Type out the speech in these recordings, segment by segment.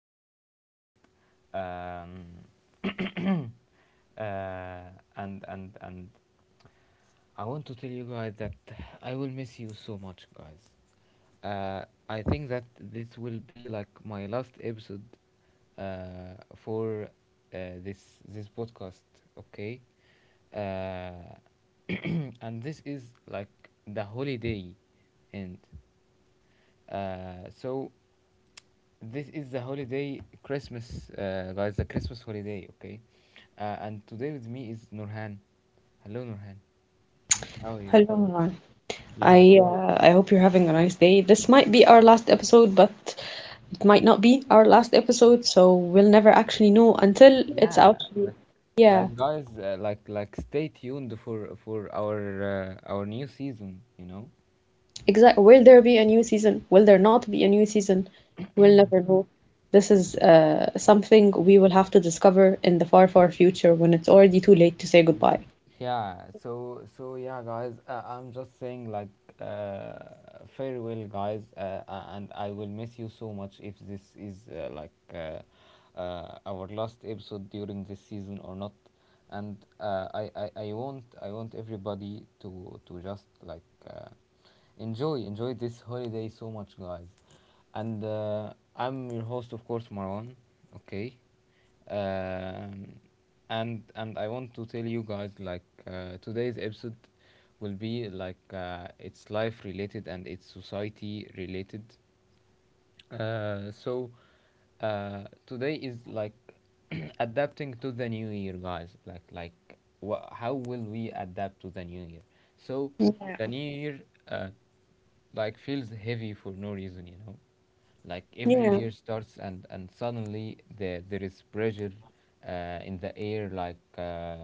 back to my episode. Um, uh, and I want to tell you guys that I will miss you so much, guys. I think that this will be like my last episode for this podcast. Okay. Uh, and this is like the holiday end, so this is the holiday Christmas, guys. The Christmas holiday, okay? And today with me is Nurhan. Hello, Nurhan. How are you? Hello, Noor. Yeah, I hope you're having a nice day. This might be our last episode, but it might not be our last episode, so we'll never actually know until it's yeah. out. But, Yeah, like, guys, like, stay tuned for our new season. exactly. Will there be a new season? Will there not be a new season? We'll never know. This is something we will have to discover in the far, far future when it's already too late to say goodbye. Yeah, so yeah, guys. I'm just saying, like, farewell, guys, and I will miss you so much if this is like, our last episode during this season or not. And I want everybody to just, like, enjoy this holiday so much, guys. And I'm your host, of course, Marwan. Okay. Um, and and I want to tell you guys, like, today's episode will be, like, it's life related and it's society related, so today is like adapting to the new year, guys. Like wha how will we adapt to the new year? So Yeah. the new year uh, like feels heavy for no reason. Like every Yeah. year starts and suddenly there is pressure in the air. Like,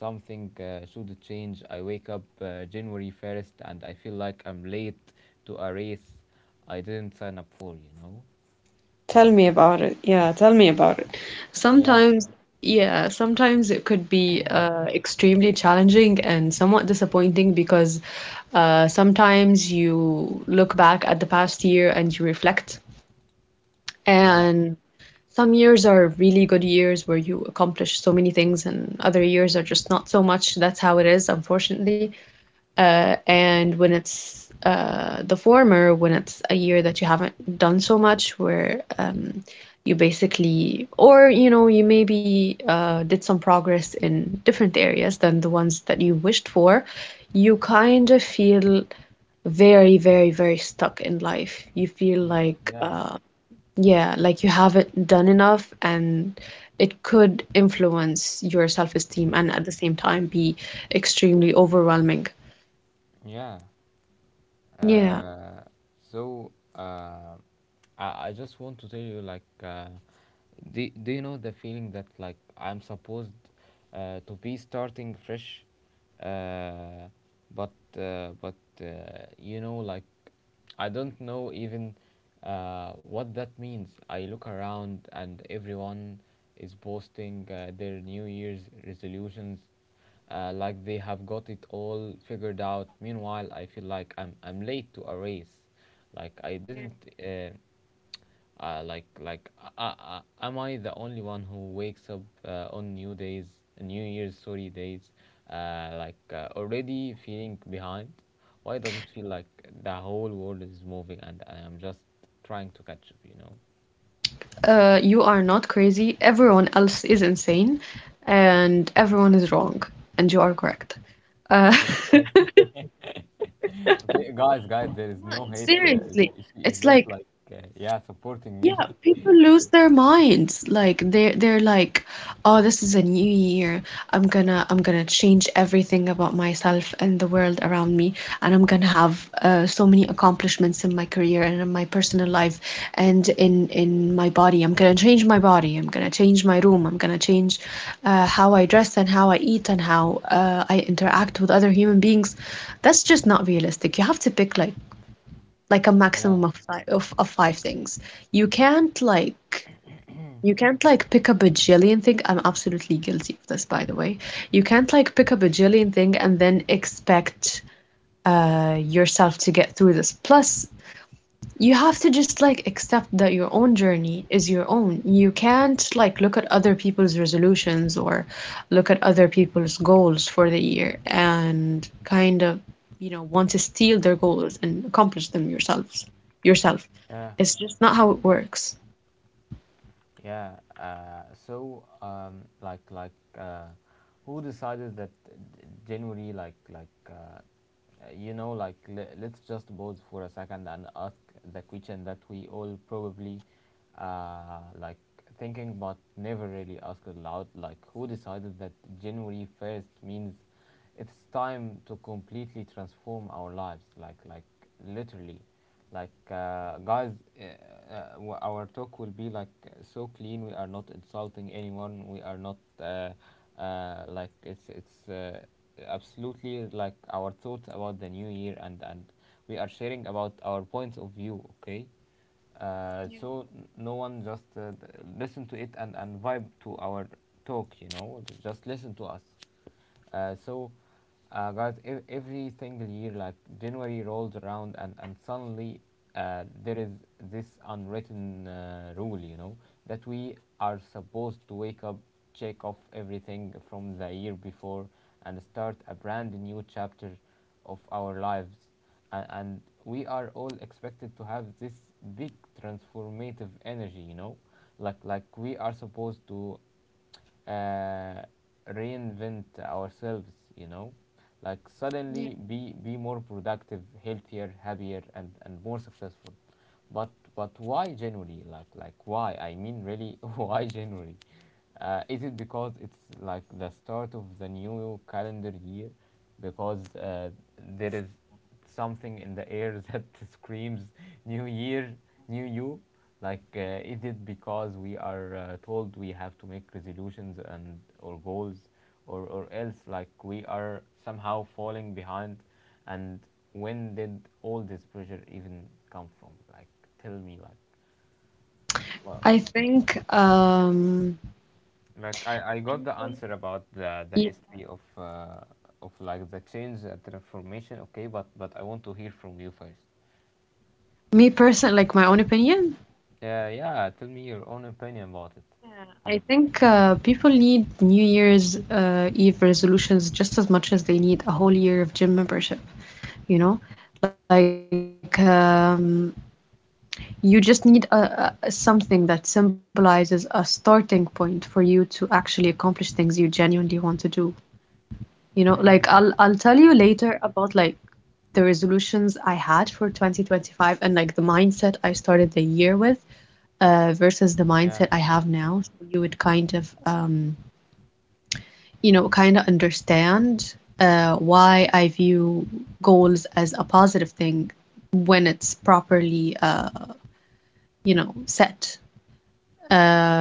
something should change. I wake up January 1st and I feel like I'm late to a race. I didn't sign up for, you know? Tell me about it. Yeah, tell me about it. Yeah, Sometimes, yeah, sometimes it could be extremely challenging and somewhat disappointing because sometimes you look back at the past year and you reflect. yeah, And some years are really good years where you accomplish so many things, and other years are just not so much. That's how it is, unfortunately. And when it's the former, when it's a year that you haven't done so much, where you basically, or you know, you maybe did some progress in different areas than the ones that you wished for, you kind of feel very, very, very stuck in life. You feel mm, like, yeah, yeah, like you haven't done enough, and it could influence your self-esteem and at the same time be extremely overwhelming. yeah. Yeah. Uh, so I, I just want to tell you, like, do you know the feeling that, like, I'm supposed to be starting fresh? Uh, but, but, uh, like, I don't know even what that means. I look around and everyone is posting their New Year's resolutions, like they have got it all figured out. Meanwhile, I feel like I'm late to a race. Like I didn't. Like, am I the only one who wakes up on new days, New Year's, sorry, days, like, already feeling behind? Why does it feel like the whole world is moving and I am just trying to catch up? You are not crazy. Everyone else is insane, and everyone is wrong, and you are correct. Uh, Okay, guys, guys, there is no hate. Seriously, She is it's just, like like, yeah, supporting Yeah, me. people lose their minds. Like they're like, "Oh, this is a new year. I'm gonna change everything about myself and the world around me, and I'm gonna have so many accomplishments in my career and in my personal life and in my body. I'm gonna change my body. I'm gonna change my room. I'm gonna change how I dress and how I eat and how I interact with other human beings." That's just not realistic. You have to pick like a maximum Yeah, of five of five things. You can't like you can't like pick a bajillion thing. I'm absolutely guilty of this, by the way. You can't like pick a bajillion thing and then expect yourself to get through this. Plus, you have to just like accept that your own journey is your own. You can't like look at other people's resolutions or look at other people's goals for the year and kind of, you know, want to steal their goals and accomplish them yourselves yourself. yeah. It's just not how it works. Yeah. So, like, uh, who decided that January, like, like, let's just pause for a second and ask the question that we all probably, like, thinking but never really asked aloud. Like, who decided that January 1st means it's time to completely transform our lives? Like, literally. Like, guys, uh, our talk will be like so clean. We are not insulting anyone. We are not like it's absolutely, like, our thoughts about the new year, and we are sharing about our points of view. Okay. So no one just listen to it, and vibe to our talk, you know, just listen to us. uh, so, Guys, every single year, like January rolls around, and suddenly there is this unwritten rule, you know, that we are supposed to wake up, check off everything from the year before, and start a brand new chapter of our lives. And we are all expected to have this big transformative energy, you know, like, we are supposed to uh, reinvent ourselves, you know, like suddenly be more productive, healthier, happier, and more successful. But but why January? Like, why? I mean, really, why January? Is it because it's like the start of the new calendar year? Because there is something in the air that screams new year, new you. Like, it did because we are told we have to make resolutions and or goals, or else, like, we are somehow falling behind. And when did all this pressure even come from? Like, tell me. Like, well, I think um like, I got the answer about the yeah, history of like the change, the transformation. Okay, but I want to hear from you first. me person like my own opinion. Yeah, yeah. Tell me your own opinion Yeah, about it. I think people need New Year's Eve resolutions just as much as they need a whole year of gym membership, you know? Like, you just need something that symbolizes a starting point for you to actually accomplish things you genuinely want to do. You know, like I'll tell Mm-hmm. you later about like the resolutions I had for 2025 and like the mindset I started the year with versus the mindset I Yeah, have now. So you would kind of you know, kind of understand why I view goals as a positive thing when it's properly, you know, set.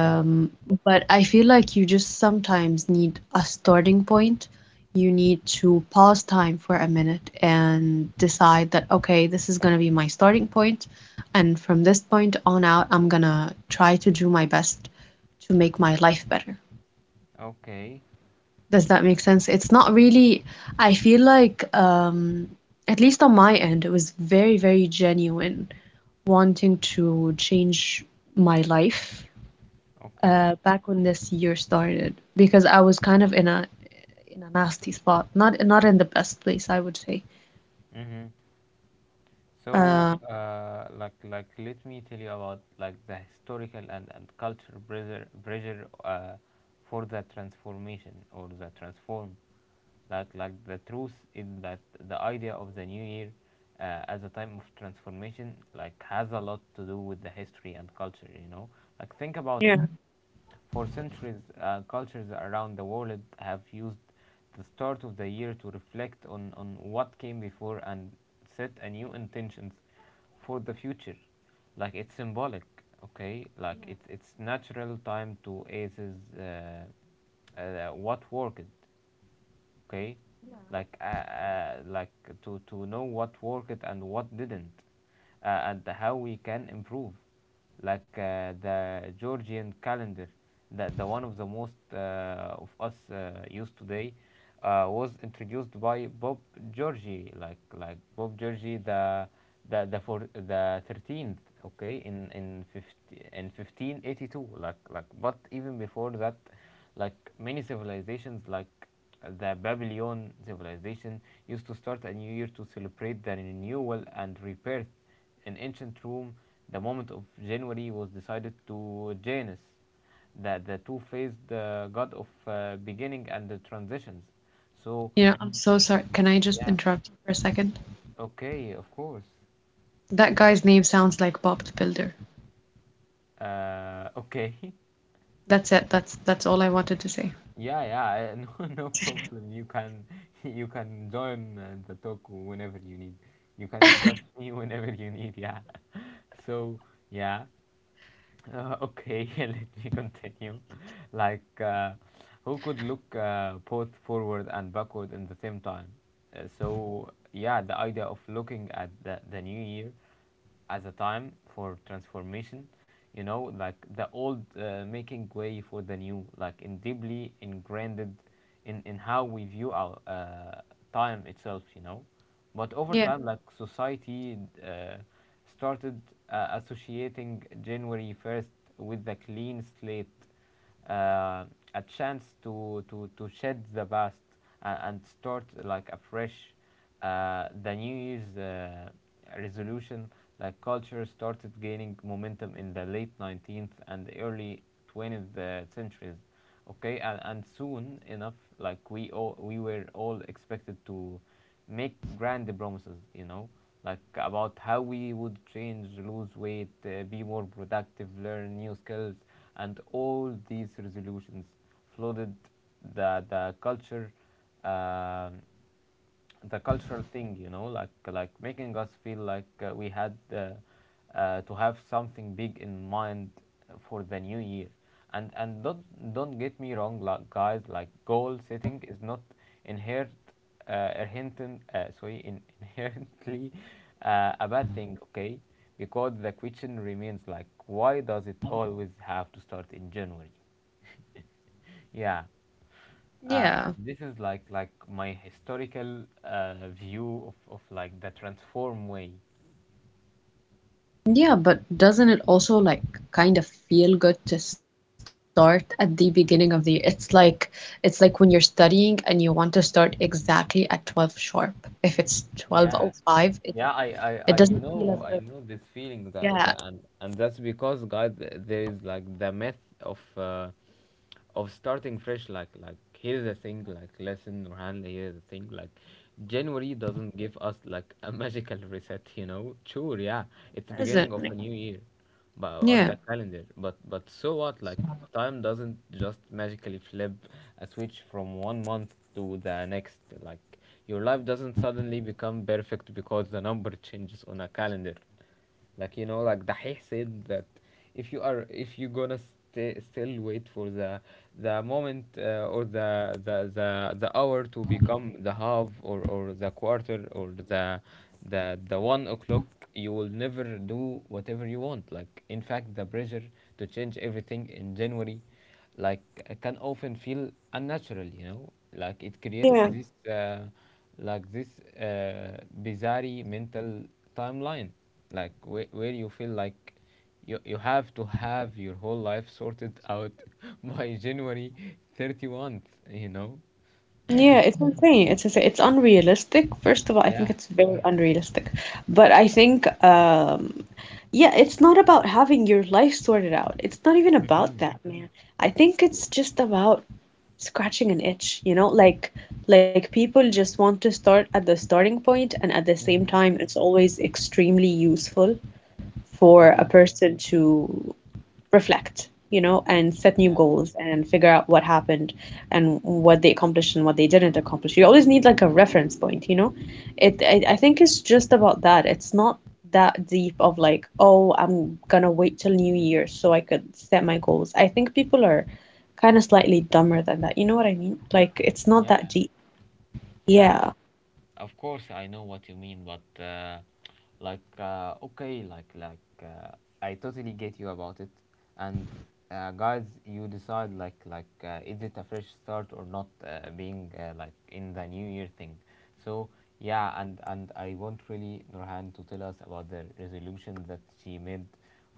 yeah. but I feel like you just sometimes need a starting point. You need to pause time for a minute and decide that, okay, this is going to be my starting point. And from this point on out, I'm going to try to do my best to make my life better. Okay, Does that make sense? It's not really, I feel like, at least on my end, it was very, very genuine wanting to change my life okay. Back when this year started because I was kind of in a nasty spot, not in the best place, I would say. Mm-hmm. So, Uh, like, let me tell you about, like, the historical and cultural pressure for the transformation or the transform. Like, the truth is that the idea of the new year, as a time of transformation, like, has a lot to do with the history and culture. You know, like, think about it. For centuries, cultures around the world have used the start of the year to reflect on what came before and set a new intentions for the future. Like, it's symbolic, okay? Like, it's natural time to aces, what worked. Okay, like, to know what worked and what didn't, and how we can improve, like, the georgian calendar, that the one of the most, of us, used today, was introduced by bob georgi, like bob georgi, the for the 13th, okay, in 50, in 1582. Like, but even before that, like many civilizations, like the Babylon civilization, used to start a new year to celebrate the renewal and rebirth. In ancient Rome, the month of January was decided to Janus, the two faced, god of, beginning and the transitions. So, you know, I'm so sorry. Can I just yeah, interrupt you for a second? okay, of course. That guy's name sounds like Bob the Builder. Okay. That's it. That's all I wanted to say. Yeah, yeah, no, no problem. You can join, the talk whenever you need. You can interrupt me whenever you need. Yeah. So, yeah. Okay, let me continue. Like, who could look, both forward and backward in the same time. So, yeah, the idea of looking at the new year as a time for transformation, you know, like the old, making way for the new, like in deeply ingrained in how we view our time itself, you know. But over Yeah. time, like society, uh, started, associating January 1st with the clean slate, uh, a chance to shed the past, and start, like, afresh. The New Year's, resolution, like, culture, started gaining momentum in the late 19th and early 20th, centuries, okay, and soon enough, like, we were all expected to make grand promises, you know, like, about how we would change, lose weight, be more productive, learn new skills. And all these resolutions flooded the culture, um the cultural thing, you know, like, making us feel like, we had, to have something big in mind for the new year. And don't get me wrong, like, guys, like, goal setting is not inherent, inherently a bad thing, okay? Because the question remains, like, why does it always have to start in January? Yeah, uh, Yeah. and this is like my historical, view of like the transform way. Yeah, but doesn't it also like kind of feel good to start at the beginning of the year? It's like when you're studying and you want to start exactly at 12 sharp. If it's Yeah. 12:05, it Yeah, I, it doesn't I, I feel as good. know I know this feeling Yeah, that, that and That's because, guys, there is like the myth of, of starting fresh. Like, here's the thing. Like, lesson or handle, here's the thing. Like, January doesn't give us, like, a magical reset, you know. Sure. Yeah. It's the it doesn't. beginning of Like, a new year, but on yeah. the calendar. But so what? Like, time doesn't just magically flip a switch from one month to the next. Like, your life doesn't suddenly become perfect because the number changes on a calendar, like, you know, like Dahih said that if you gonna stay, still wait for the moment, or the hour to become the half, or the quarter, or the 1 o'clock, you will never do whatever you want. Like, in fact, the pressure to change everything in January, like can often feel unnatural, you know, like it creates Yeah, this, like this, bizarre mental timeline, like where you feel like you have to have your whole life sorted out by January 31st, you know. yeah, it's insane. It's insane. It's unrealistic. First of all, I think Yeah. it's very unrealistic. But I think, yeah, it's not about having your life sorted out. It's not even about Mm-hmm. that, man. I think it's just about scratching an itch, you know, like people just want to start at the starting point and at the same Mm-hmm. time it's always extremely useful for a Mm-hmm. person to reflect, you know, and set new Yeah. goals and figure out what happened and what they accomplished and what they didn't accomplish. You always need like a reference point, you know? I think it's just about that. It's not that deep of like, oh, I'm gonna wait till New Year so I could set my goals. I think people are kind of slightly dumber than that. You know what I mean? Like, it's not Yeah. that deep. Yeah. Yeah, Of course I know what you mean, but, like, okay, like, I totally get you about it. And, guys, you decide, like, is it a fresh start or not? Being like in the new year thing. So yeah, and I want really Nurhan to tell us about the resolution that she made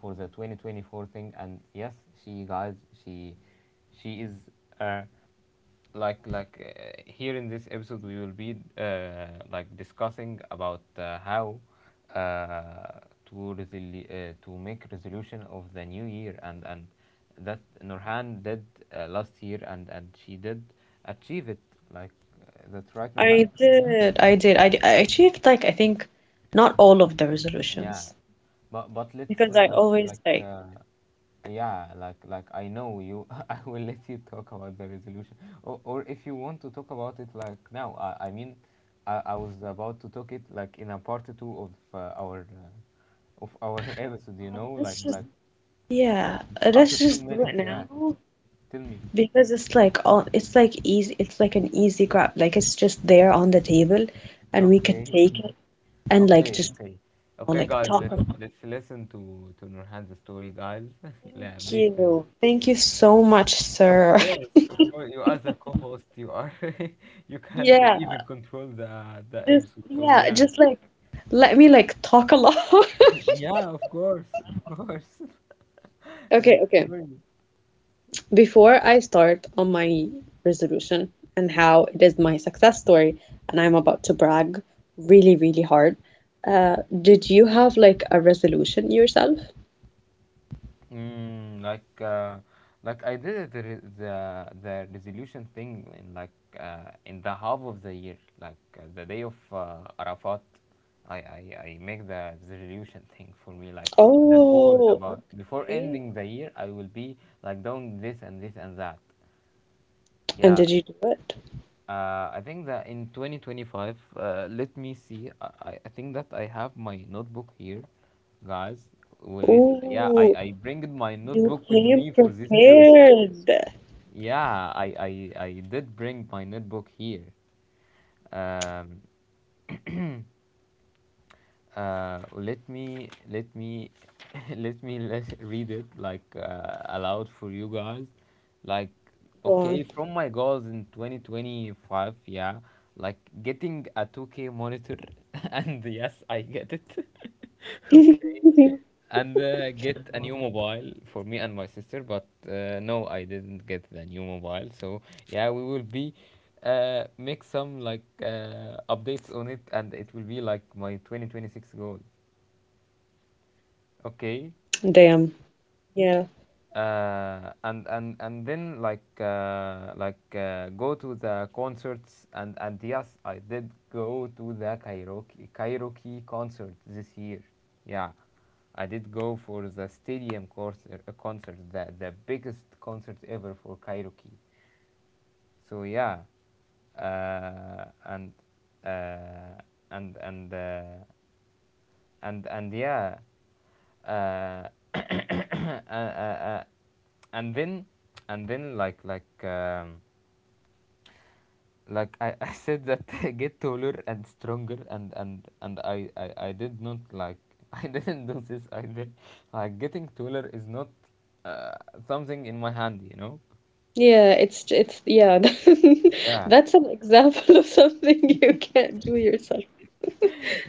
for the 2024 thing. And yes, she guys, she she is. Uh, Here in this episode we will be like discussing about how uh, to make resolution of the new year and that Nurhan did last year, and she did achieve it, like that's right, I Nurhan. did. I did. I, I achieved like, I think not all of the Yeah, resolutions but because I let's always like, yeah, like I know you. I will let you talk about the resolution, or if you want to talk about it like now. I mean, I was about to talk it like in a part two of our of our episode, you oh, know, let's like just. like Yeah, let's after just some do it minutes. Yeah, now tell me. because it's like easy, it's like an easy grab, like it's just there on the table and we could Okay, take it and like okay, just, okay. you know, Okay, like guys, talk let's about. let's listen to Nurhan's story, guys. Yeah, Thank please tell me. you, thank you so much, sir. Of course, you are the co-host. You are, you can even Yeah, control the just episode. So yeah, yeah, just like let me like talk a lot. yeah, of course, of course. Okay, Like okay. story. Before I start on my resolution and how it is my success story, and I'm about to brag really, really hard, did you have like a resolution yourself? Mm, like I did the resolution thing in like in the half of the year, the day of Arafat. I make the resolution thing for me, like the goals Oh, about before okay. ending the year, I will be like doing this and this and that. And Yeah, did you do it? I think that in 2025, let me see. I think that I have my notebook here, guys. Wait, yeah, Oh, I bring my you notebook with came me for this episode. prepared. Yeah, I did bring my notebook here. Um, let me let read it like aloud for you guys like. Go on. Okay, from my goals in 2025. Yeah, like getting a 2K monitor. And yes, I get it. Okay. And get a new mobile for me and my sister, but no, I didn't get the new mobile, so yeah, we will be make some like updates on it and it will be like my 2026 goal. Damn. Okay. Yeah. And and then go to the concerts, and yes, I did go to the karaoke concert this year. Yeah, I did go for the stadium concert, the biggest concert ever for karaoke. So yeah. uh, and uh, and and uh, and Yeah. uh, uh, uh, uh, and then, like like I said that get taller and stronger, and I did not, like I didn't do this either. Like getting taller is not uh, something in my hand, you know. Yeah, it's yeah. Yeah, That's an example of something you can't do yourself.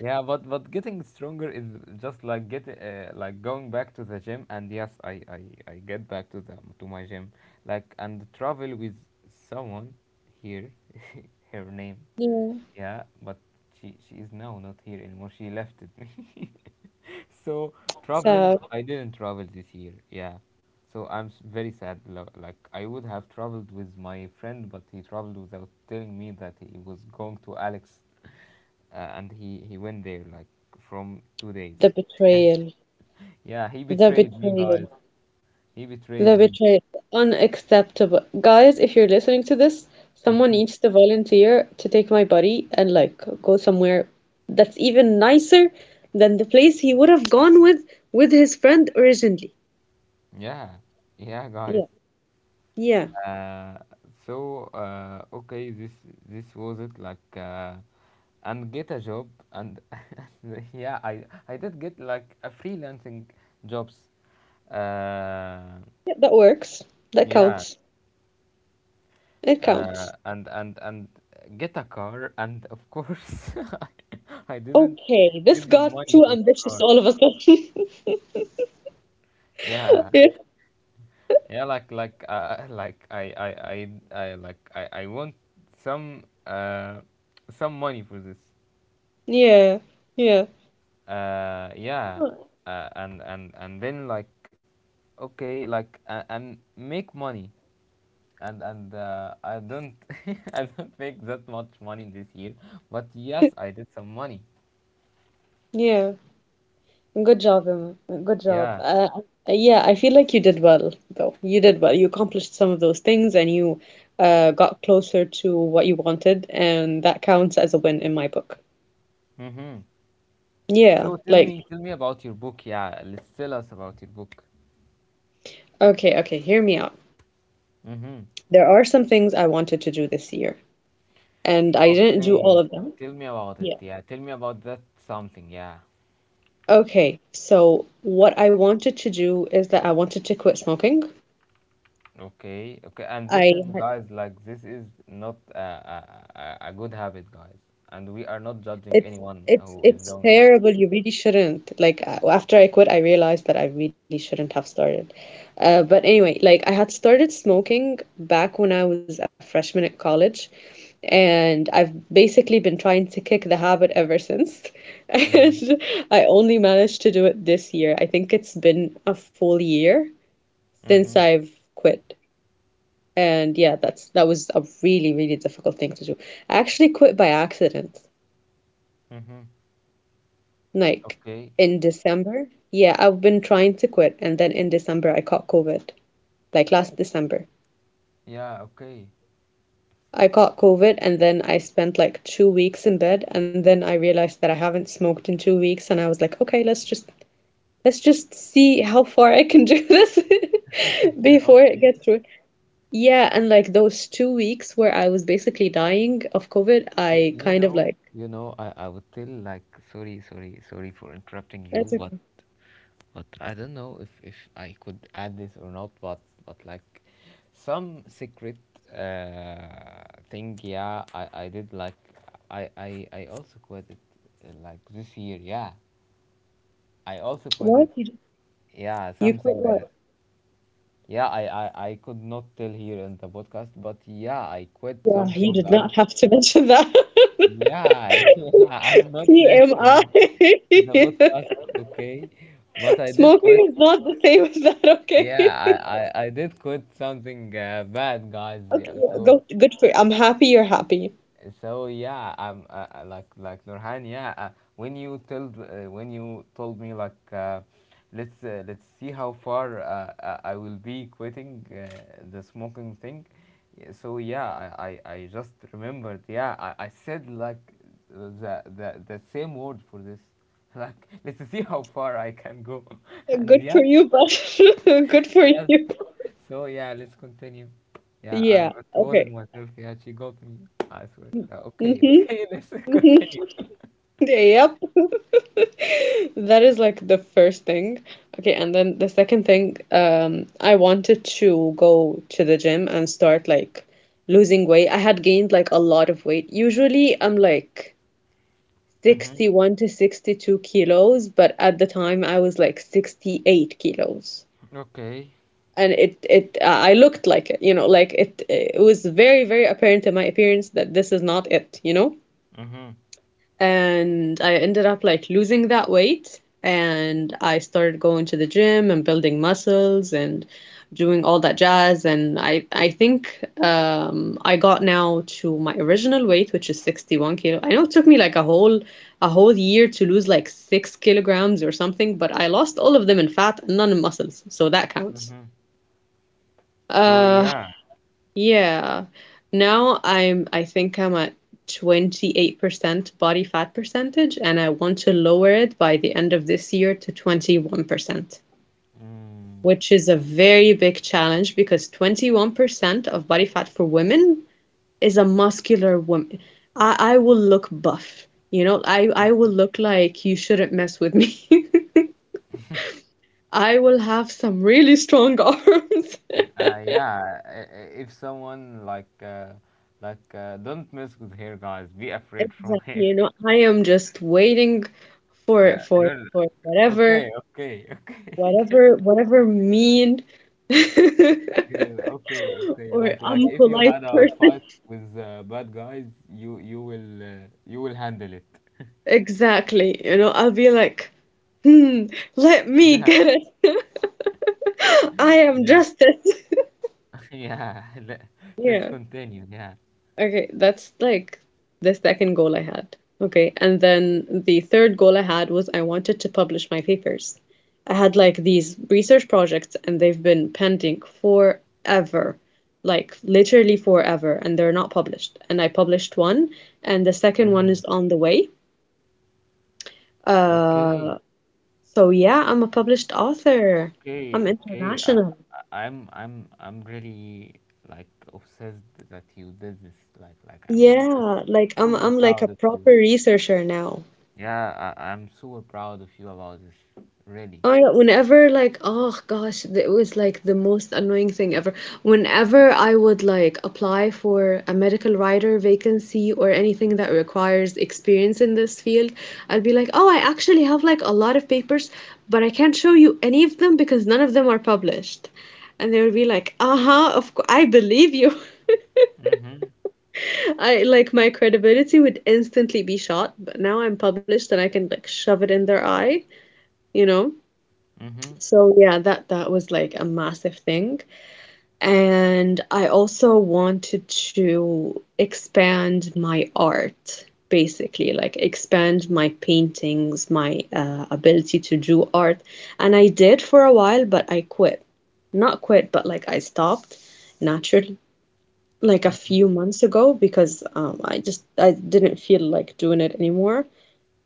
yeah, but getting stronger is just like get like going back to the gym, and yes, I get back to the to my gym, like, and travel with someone here. Her name. Yeah. Yeah, but she is now not here anymore. She left me. So traveling, So. I didn't travel this year. Yeah, so very sad. Like I would have traveled with my friend, but he traveled without telling me that he was going to Alex, and he went there like from 2 days. The Yeah, betrayal. yeah, The he betrayed me, betrayal. guys. He The betrayed me. betrayal. Unacceptable. Guys, if you're listening to this, someone needs to volunteer to take my buddy and like go somewhere that's even nicer than the place he would have gone with his friend originally. Yeah, yeah, guys. Yeah. Yeah. Uh, okay, this was it. And get a job, and yeah, I did get like a freelancing jobs. Uh, Yeah, that works. That yeah, counts. It counts. And get a car, and of course I didn't Okay, this get the got money too for the ambitious car. all of a sudden. Yeah, yeah, like I like I want some uh some money for this. Yeah. Yeah. Yeah. Yeah and then, and make money, and I don't I don't make that much money this year, but yes, I did some money. Yeah. Good job, Emma. Good Yeah. job. Yeah, I feel like you did well, though. You did well. You accomplished some of those things and you got closer to what you wanted, and that counts as a win in my book. Mm-hmm. So Yeah, tell me, like, tell me about your book. Yeah, let's tell us about your book. okay, okay, hear me out. Mm-hmm. There are some things I wanted to do this year, and I didn't do all Okay, of them. tell me about it. Yeah. Yeah, tell me about that something. Yeah. Okay, so what I wanted to do is that I wanted to quit smoking. Okay, okay, and this is, I had. guys, like this is not a, a good habit, guys, and we are not judging It's anyone it's who is it's doing this. terrible. You really shouldn't. Like a- after I quit, I realized that I really shouldn't have started. But anyway, like I had started smoking back when I was a freshman at college, and I've basically been trying to kick the habit ever since. Mm-hmm. And I only managed to do it this year. I think it's been a full year since Mm-hmm. I've quit. And yeah, that was a really, really difficult thing to do. I actually quit by accident. Mm-hmm. Like Okay. in December? Yeah, I've been trying to quit, and then in December I caught COVID. Like last December. Yeah. Okay. I caught COVID and then I spent like 2 weeks in bed and then I realized that I haven't smoked in 2 weeks and I was like, okay, let's just see how far I can do this Yeah, before it gets okay. through. Yeah, and like those 2 weeks where I was basically dying of COVID, I kind of like. You know, I would tell like, sorry, sorry, sorry for interrupting you, That's but okay. but I don't know if I could add this or not, but like some secret uh, thing, yeah, I did, like, I also quit it like this year. Yeah, I also quit it. What? You, Yeah, you quit something that, what? yeah, I could not tell here in the podcast, but yeah, I quit Yeah, you something, did guys. not have to mention that. Yeah, yeah, I'm not mentioning TMI. it in the podcast, okay? But I did quit. Smoking is not the same as that, Yeah, okay? I did quit something bad, guys. Okay, Yeah, yeah, so go, good for I'm happy you're happy. so yeah, I'm like Nurhan, yeah, when you told me like, let's see how far I will be quitting the smoking thing. Yeah. So yeah, I just remembered. Yeah, I said like the, the same word for this. Like let's see how far I can go. And Good for yes, you, but good for yes. you. So yeah, let's continue. Yeah, I'm Yeah, exposing okay. myself. Yeah, she got me. I swear. Okay, okay, Mm-hmm, let's continue. mm-hmm. Yep. That is like the first thing. Okay, and then the second thing, I wanted to go to the gym and start like losing weight. I had gained like a lot of weight. Usually I'm like Mm-hmm. 61 to 62 kilos, but at the time I was like 68 kilos. Okay. And I looked like it, you know, like it was very, very apparent in my appearance that this is not it, you know? Mm-hmm. And I ended up like losing that weight. And I started going to the gym and building muscles and doing all that jazz. And I think I got now to my original weight, which is 61 kilo. I know it took me like a whole year to lose like 6 kilograms or something, but I lost all of them in fat and none in muscles. So that counts. Mm-hmm. So Uh, yeah. yeah. Now I think I'm at 28% body fat percentage, and I want to lower it by the end of this year to 21%, Mm. which is a very big challenge because 21% of body fat for women is a muscular woman. I will look buff. You know, I will look like you shouldn't mess with me. I will have some really strong arms. Yeah. If someone like don't mess with hair, guys. Be afraid from Exactly. hair. You know, I am just waiting for for girl. for Okay. whatever Okay. Okay. whatever whatever mean Girl. Okay. Okay. or Like if you unpolite had a person. fight with bad guys, you will you will handle it. Exactly. You know, I'll be like, hmm, let me Yeah, get it. I yeah, am justice. yeah. Let's Yeah. continue. Yeah. Okay, that's like the second goal I had. Okay, and then the third goal I had was I wanted to publish my papers. I had like these research projects and they've been pending forever, like literally forever, and they're not published. And I published one, and the second Hmm. one is on the way. Okay. Uh, so yeah, I'm a published So, author. okay, I'm okay. International. I'm really like obsessed that you did this. I'm really Yeah, like I'm super I'm like a proud of you. proper researcher now. Yeah, I'm super proud of you about this. Really. Oh yeah, whenever like oh gosh, it was like the most annoying thing ever. Whenever I would like apply for a medical writer vacancy or anything that requires experience in this field, I'd be like, "Oh, I actually have like a lot of papers, but I can't show you any of them because none of them are published." And they would be like, "Uh-huh, of course, I believe you." Mm-hmm. I like my credibility would instantly be shot, but now I'm published and I can like shove it in their eye, you know? Mm-hmm. So yeah, that was like a massive thing. And I also wanted to expand my art, basically, like expand my paintings, my ability to do art. And I did for a while, but I quit. Not quit, but like I stopped naturally like a few months ago because I just I didn't feel like doing it anymore.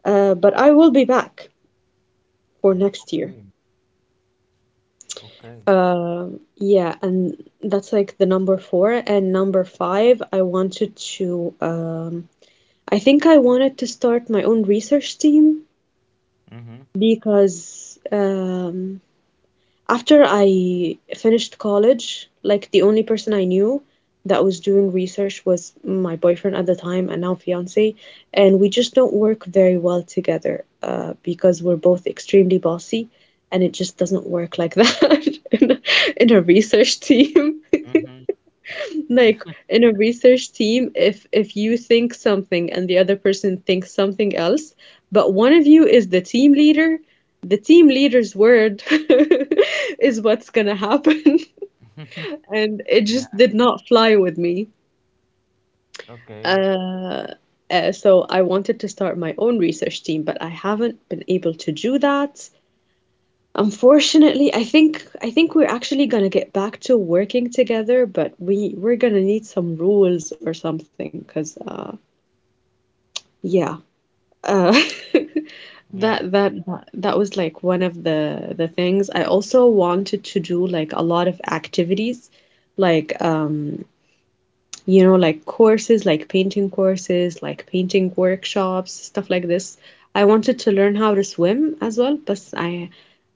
But I will be back for Mm-hmm. next year. Okay. Okay. Yeah, and that's like the number four. And number five, I wanted to, I think I wanted to start my own research team Mm-hmm. because after I finished college, like the only person I knew that was doing research was my boyfriend at the time and now fiance, and we just don't work very well together because we're both extremely bossy, and it just doesn't work like that in a research team. Mm-hmm. Like in a research team, if you think something and the other person thinks something else but one of you is the team leader, the team leader's word is what's gonna happen. And it Yeah. just did not fly with me. Okay. Uh, uh so I wanted to start my own research team but I haven't been able to do that. Unfortunately, I think we're actually gonna get back to working together, but we're gonna need some rules or something, cause uh. Yeah. Uh, that Yeah. that that that was like one of the things. I also wanted to do like a lot of activities, like you know, like courses, like painting workshops, stuff like this. I wanted to learn how to swim as well, but I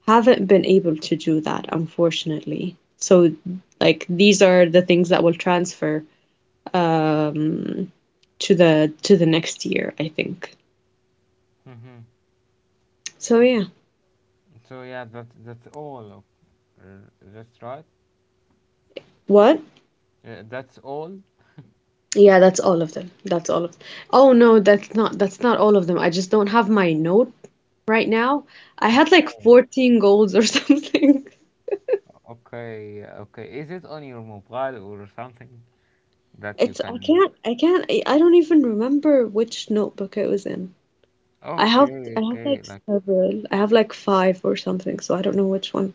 haven't been able to do that, unfortunately. So like these are the things that will transfer um to the next year, I think. Mm-hmm. So yeah. So yeah, that that's all. That's right. What? That's all? Yeah, that's all of them. That's all of. Oh no, that's not all of them. I just don't have my note right now. I had like Okay, 14 goals or something. okay, okay. Is it on your mobile or something that you It's I can? can't I can't I don't even remember which notebook it was in. I have Okay, I have okay, like like several. I have like five or something, so I don't know which one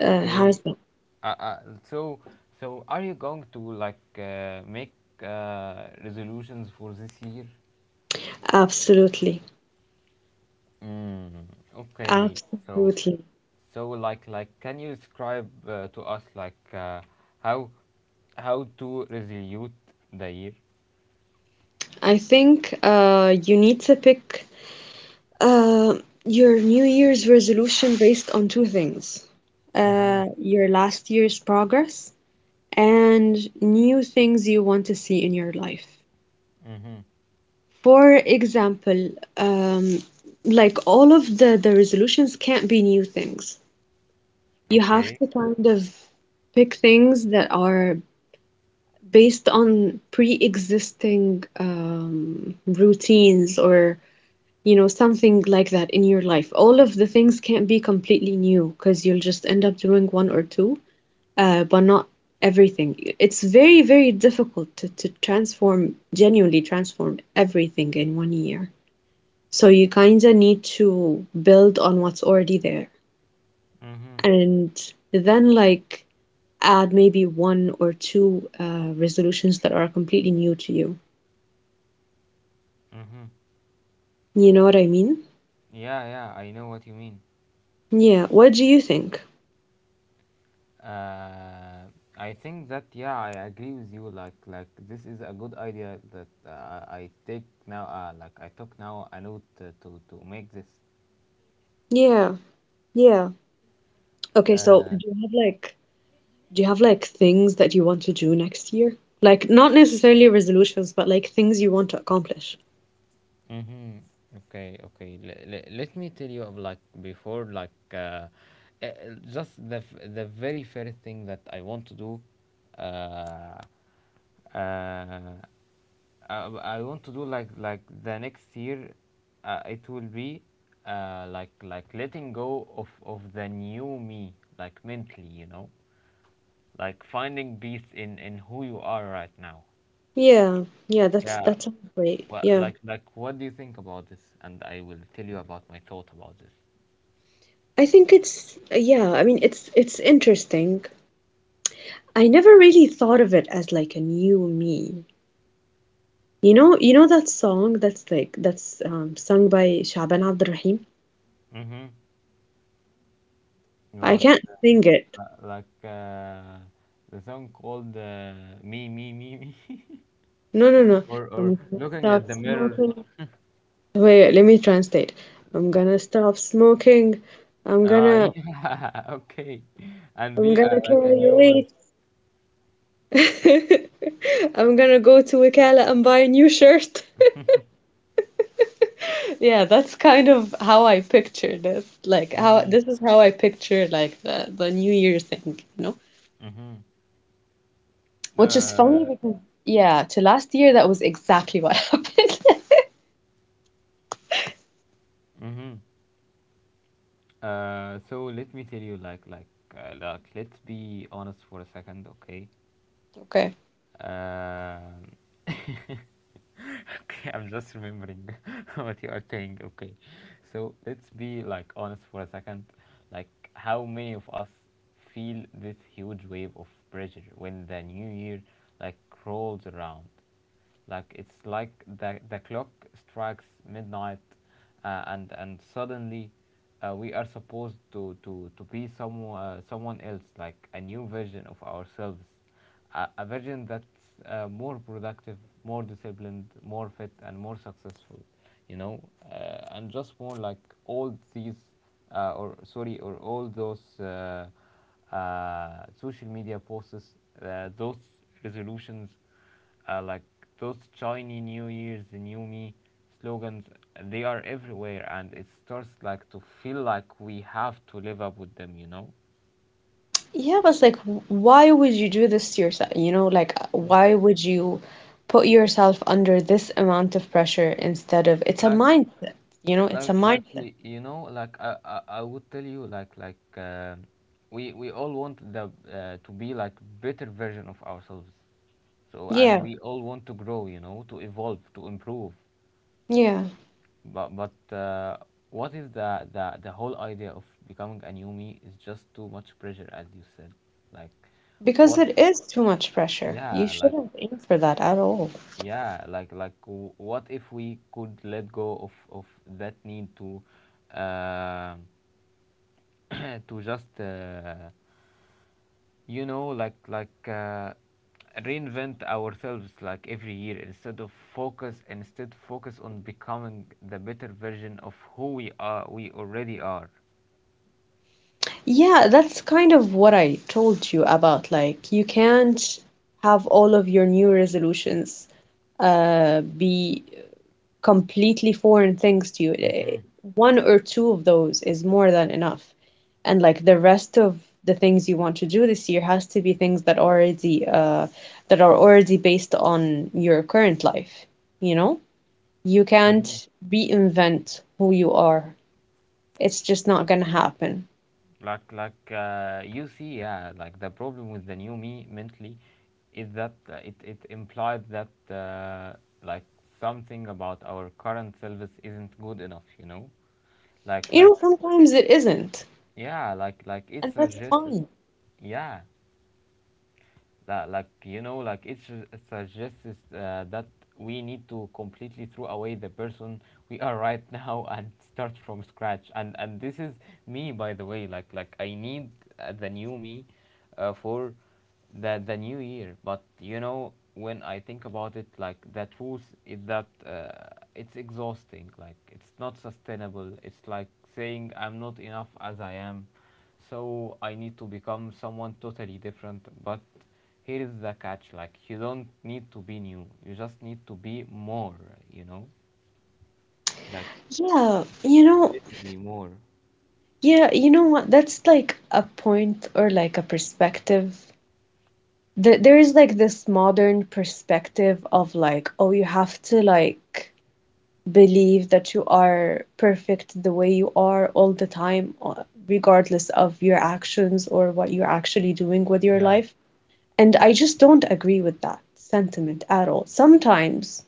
has them. So, so are you going to like make resolutions for this year? Absolutely. Mm, okay. So, Absolutely. so like can you describe to us like how how to resolute the year? I think you need to pick. Uh, your New Year's resolution based on two things. Mm-hmm. Your last year's progress and new things you want to see in your life. Mm-hmm. For example, um, like all of the resolutions can't be new things. You have Okay. to kind of pick things that are based on pre-existing routines or you know, something like that in your life. All of the things can't be completely new because you'll just end up doing one or two, but not everything. It's very, very difficult to transform, genuinely transform everything in one year. So you kind of need to build on what's already there Mm-hmm. and then like add maybe one or two resolutions that are completely new to you. Mm-hmm. You know what I mean? Yeah, yeah, I know what you mean. Yeah. What do you think? Uh, I think that yeah, I agree with you. This is a good idea that I take now. Like I took now a note to, to make this. Yeah. Yeah. Okay, so do Uh, you have like do you have like things that you want to do next year? Like not necessarily resolutions, but like things you want to accomplish. Mm-hmm. Okay, okay. Let me tell you of like before, uh, just the very first thing that I want to do. Uh, uh, I, I want to do like the next year. It will be letting go of the new me, like mentally, you know, like finding peace in who you are right now. Yeah, yeah, that's Yeah, that sounds great. well, Yeah. Like, what do you think about this? And I will tell you about my thought about this. I think it's yeah, I mean it's interesting. I never really thought of it as like a new me. You know that song that's like that's sung by Shaban Abd Rahim? Mm-hmm. I About can't sing it. uh, like uh, the song called "Me, Me, Me, Me," No, no, no. Or I'm gonna looking stop at the mirror. smoking. Wait, let me translate. I'm gonna stop smoking. I'm gonna. yeah, okay. And I'm the gonna like a carry new one. weight. I'm gonna go to Wakala and buy a new shirt. Yeah, that's kind of how I pictured it. Like how Mhm, this is how I picture like the New Year thing, you know? mhm. Which is funny Uh, because yeah, to last year that was exactly what happened. mhm. So let me tell you, like, let's be honest for a second, okay? Okay. Um, okay, I'm just remembering what you are saying. Okay, so let's be like honest for a second. Like, how many of us feel this huge wave of pressure when the new year like rolls around? Like it's like the clock strikes midnight, and suddenly we are supposed to be some someone else, like a new version of ourselves, a version that's more productive, more disciplined, more fit, and more successful. You know, and just more like all these, or all those social media posts, those resolutions, like those shiny New Year's, new me slogans, they are everywhere, and it starts like to feel like we have to live up with them. You know. Yeah, but it's like, why would you do this to yourself? You know, like, Mm. why would you put yourself under this amount of pressure instead of it's a like mindset, you know, it's a like mindset. y- you know like I would tell you we all want the to be like better version of ourselves. And Yeah, we all want to grow, you know, to evolve, to improve. yeah. But What if the whole idea of becoming a new me is just too much pressure, as you said? Like Because what it is too much pressure. You yeah like shouldn't aim for that at all. yeah like w- What if we could let go of that need to um to just you know like reinvent ourselves every year, instead of focus on becoming the better version of who we already are? Yeah, that's kind of what I told you about. Like, you can't have all of your new resolutions be completely foreign things to you. One or two of those is more than enough. And like the rest of the things you want to do this year has to be things that already that are already based on your current life, you know? You can't Hmm. reinvent who you are. It's just not gonna happen. You see? Yeah, like the problem with the new me mentally is that it implied that, like something about our current service isn't good enough, you know? like You like know, sometimes it isn't, it and that's suggests, fine. yeah. Suggests that we need to completely throw away the person we are right now and start from scratch. And this is me, by the way. I need the new me for the new year. But you know, when I think about it, the truth is that, it's exhausting. Like, it's not sustainable. It's like saying I'm not enough as I am, so I need to become someone totally different. But here is the catch. Like, you don't need to be new, you just need to be more, you know, like Yeah, you know, relatively more. yeah, you know what? That's like a point or like a perspective. There is like this modern perspective of like, oh, you have to like believe that you are perfect the way you are all the time, regardless of your actions or what you're actually doing with your Yeah, life. And I just don't agree with that sentiment at all. Sometimes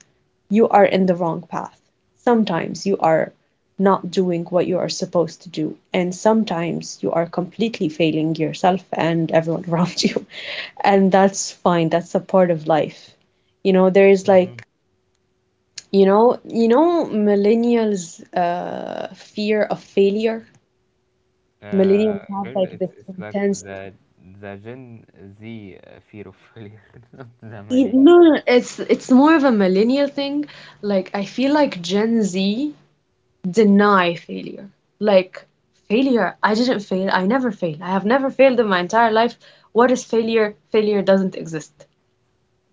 you are in the wrong path. Sometimes you are not doing what you are supposed to do, and sometimes you are completely failing yourself and everyone around you. And that's fine. That's a part of life. You know, there is like, you know, millennials' fear of failure. Millennials have girl, like it's this it's like intense. the Gen Z fear of failure, not the millennial. No, no, it's more of a millennial thing. Like I feel like Gen Z deny failure. Like, failure, I didn't fail. I never fail. I have never failed in my entire life. What is failure? Failure doesn't exist.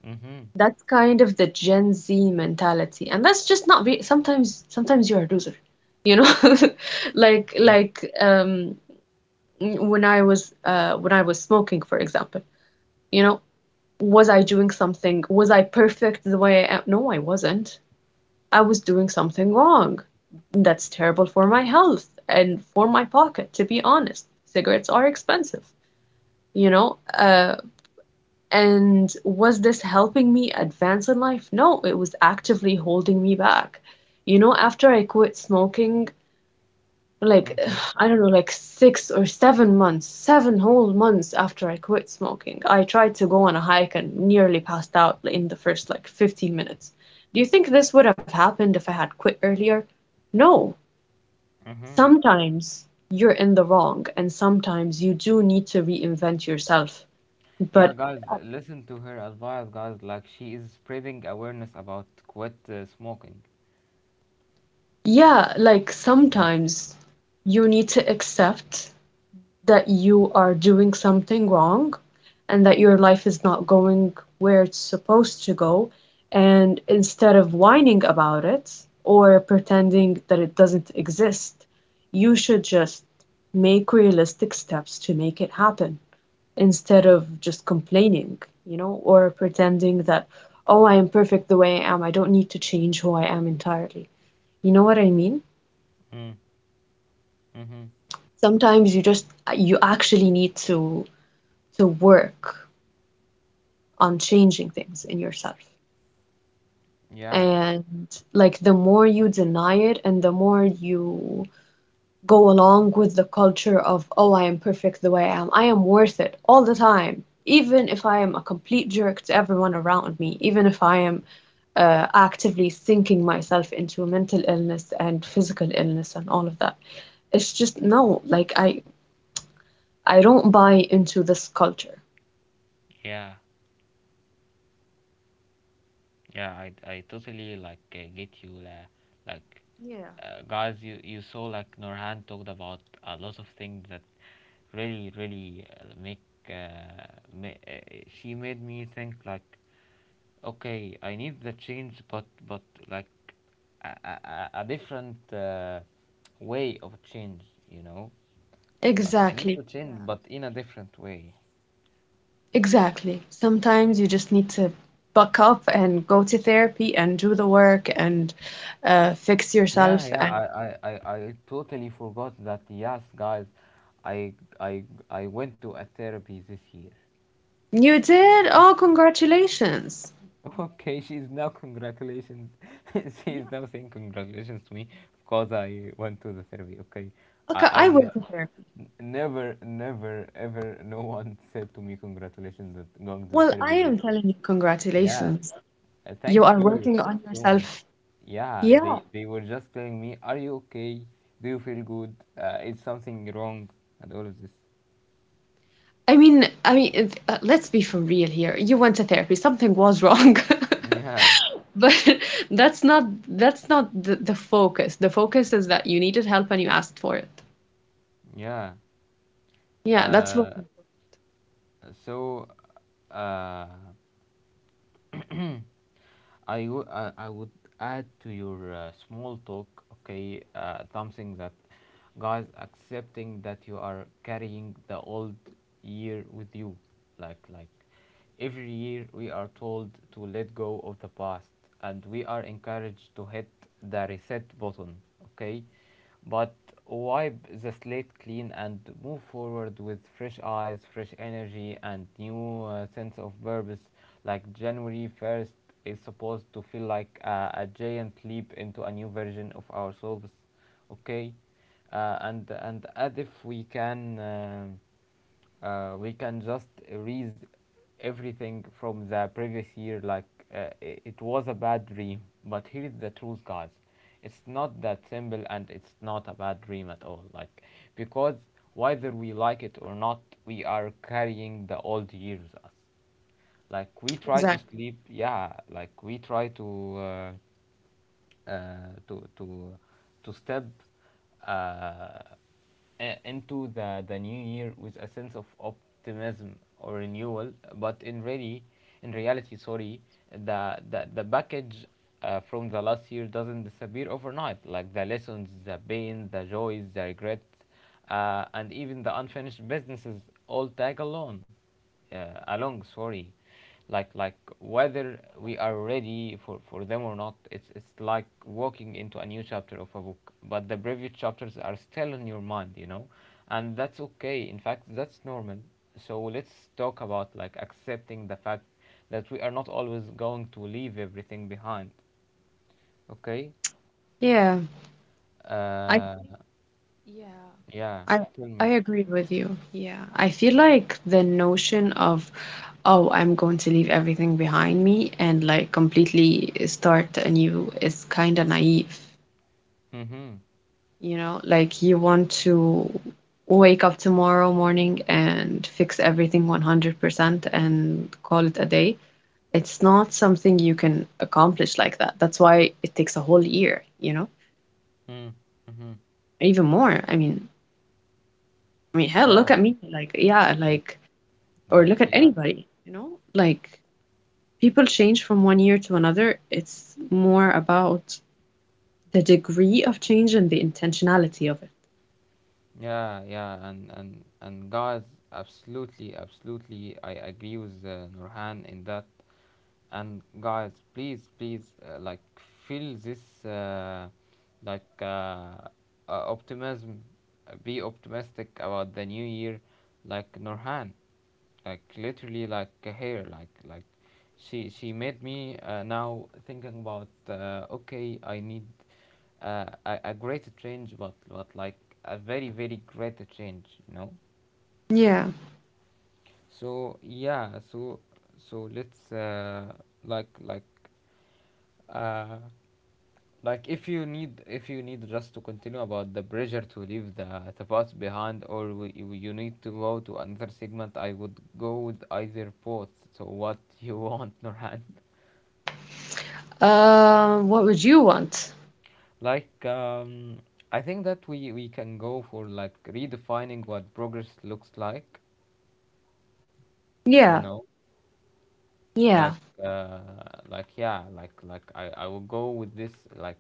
Mm-hmm. That's kind of the Gen Z mentality. And that's just not re sometimes sometimes you're a loser. You know? Like when I was smoking, for example. You know, was I doing something? Was I perfect the way I, no, I wasn't. I was doing something wrong. That's terrible for my health and for my pocket, to be honest. Cigarettes are expensive, you know? And was this helping me advance in life? No, it was actively holding me back. You know, after I quit smoking, like, Mm-hmm. I don't know, like 6 or 7 months, 7 whole months after I quit smoking, I tried to go on a hike and nearly passed out in the first like 15 minutes. Do you think this would have happened if I had quit earlier? No, Mm-hmm. sometimes you're in the wrong and sometimes you do need to reinvent yourself. Yeah, But guys, listen to her advice, guys. Like, she is spreading awareness about quit smoking. yeah, like sometimes Yeah. you need to accept that you are doing something wrong and that your life is not going where it's supposed to go. And instead of whining about it or pretending that it doesn't exist, you should just make realistic steps to make it happen. Instead of just complaining, you know, or pretending that, oh, I am perfect the way I am. I don't need to change who I am entirely. You know what I mean? Mm-hmm. Sometimes you just you actually need to work on changing things in yourself. Yeah. And like the more you deny it and the more you go along with the culture of, oh, I am perfect the way I am. I am worth it all the time. Even if I am a complete jerk to everyone around me, even if I am actively sinking myself into mental illness and physical illness and all of that. It's just no, like I don't buy into this culture. Yeah. Yeah, I totally get you, la. like Yeah. Guys, you saw, like, Norhan talked about a lot of things that really really make ma she made me think like, okay, I need the change, but like a different way of change, you know? Like, I need Exactly. to Yeah. change but in a different way. Exactly. Sometimes you just need to buck up and go to therapy and do the work and fix Yeah, yourself. yeah, And I totally forgot that. Yes, guys, I, I, I went to a therapy this year. you did? Oh, congratulations. Okay, she's now congratulations. Yeah. She's now saying congratulations to me because I went to the therapy. Okay, Okay, I I went ne- to therapy. n- never, never, ever, no one said to me congratulations that going to the Well, I therapy. They, am telling you, yeah, congratulations. You thank are you working on so much. yourself. Yeah, they Yeah. Were just telling me, "Are you okay? Do you feel good? Is something wrong?" And all of this. I mean, let's be for real here. You went to therapy. Something was wrong. Yeah, But that's not the focus. The focus is that you needed help and you asked for it. yeah. Yeah, that's what Uh, so uh, I would, I would add to your small talk, okay, something that, guys, accepting that you are carrying the old year with you. like like every year we are told to let go of the past, and we are encouraged to hit the reset button, okay, but wipe the slate clean and move forward with fresh eyes, fresh energy, and new sense of purpose. Like, january 1st is supposed to feel like a giant leap into a new version of ourselves, okay, and as if we can we can just erase everything from the previous year, like, it was a bad dream. But here's the truth, guys, it's not that simple, and it's not a bad dream at all. Like, because whether we like it or not, we are carrying the old years us. Exactly. Like, we try to, uh, to to to step uh, into the new year with a sense of optimism or renewal, but in reality, sorry, the package from the last year doesn't disappear overnight. Like, the lessons, the pain, the joys, the regrets, and even the unfinished businesses all tag along, along sorry like, whether we are ready for them or not. It's like walking into a new chapter of a book, but the previous chapters are still in your mind, you know? And that's okay. In fact, that's normal. So let's talk about, like, accepting the fact that we are not always going to leave everything behind, okay? Yeah. I Uh, yeah. yeah, I tell I me. agree with you. Yeah. I feel like the notion of oh, I'm going to leave everything behind me and like completely start anew is kind of naive. Mm-hmm. You know, like you want to wake up tomorrow morning and fix everything 100% and call it a day. It's not something you can accomplish like that. That's why it takes a whole year, you know, Mm-hmm. Mm-hmm. even more. I mean, hell, look Yeah, at me. Like, yeah, like. like, or like look at yeah anybody, you know, like people change from 1 year to another. It's more about the degree of change and the intentionality of it. Yeah, yeah, and and guys, absolutely, absolutely, I agree with Nurhan in that. And guys, please please, feel this like uh, optimism. Be optimistic about the new year, like Norhan. Like literally like here like like she made me now thinking about, okay, I need a greater change, but a very very greater change, you know? Yeah. So yeah, so, let's, like like uh, if you need, if you need, just to continue about the pressure to leave the past behind, or you need to go to another segment, I would go with either. Both? So what you want, Norhan? What would you want? like um, I think that we can go for, like, redefining what progress looks like, you Yeah. know? Like, Yeah, uh, I will go with this. Like,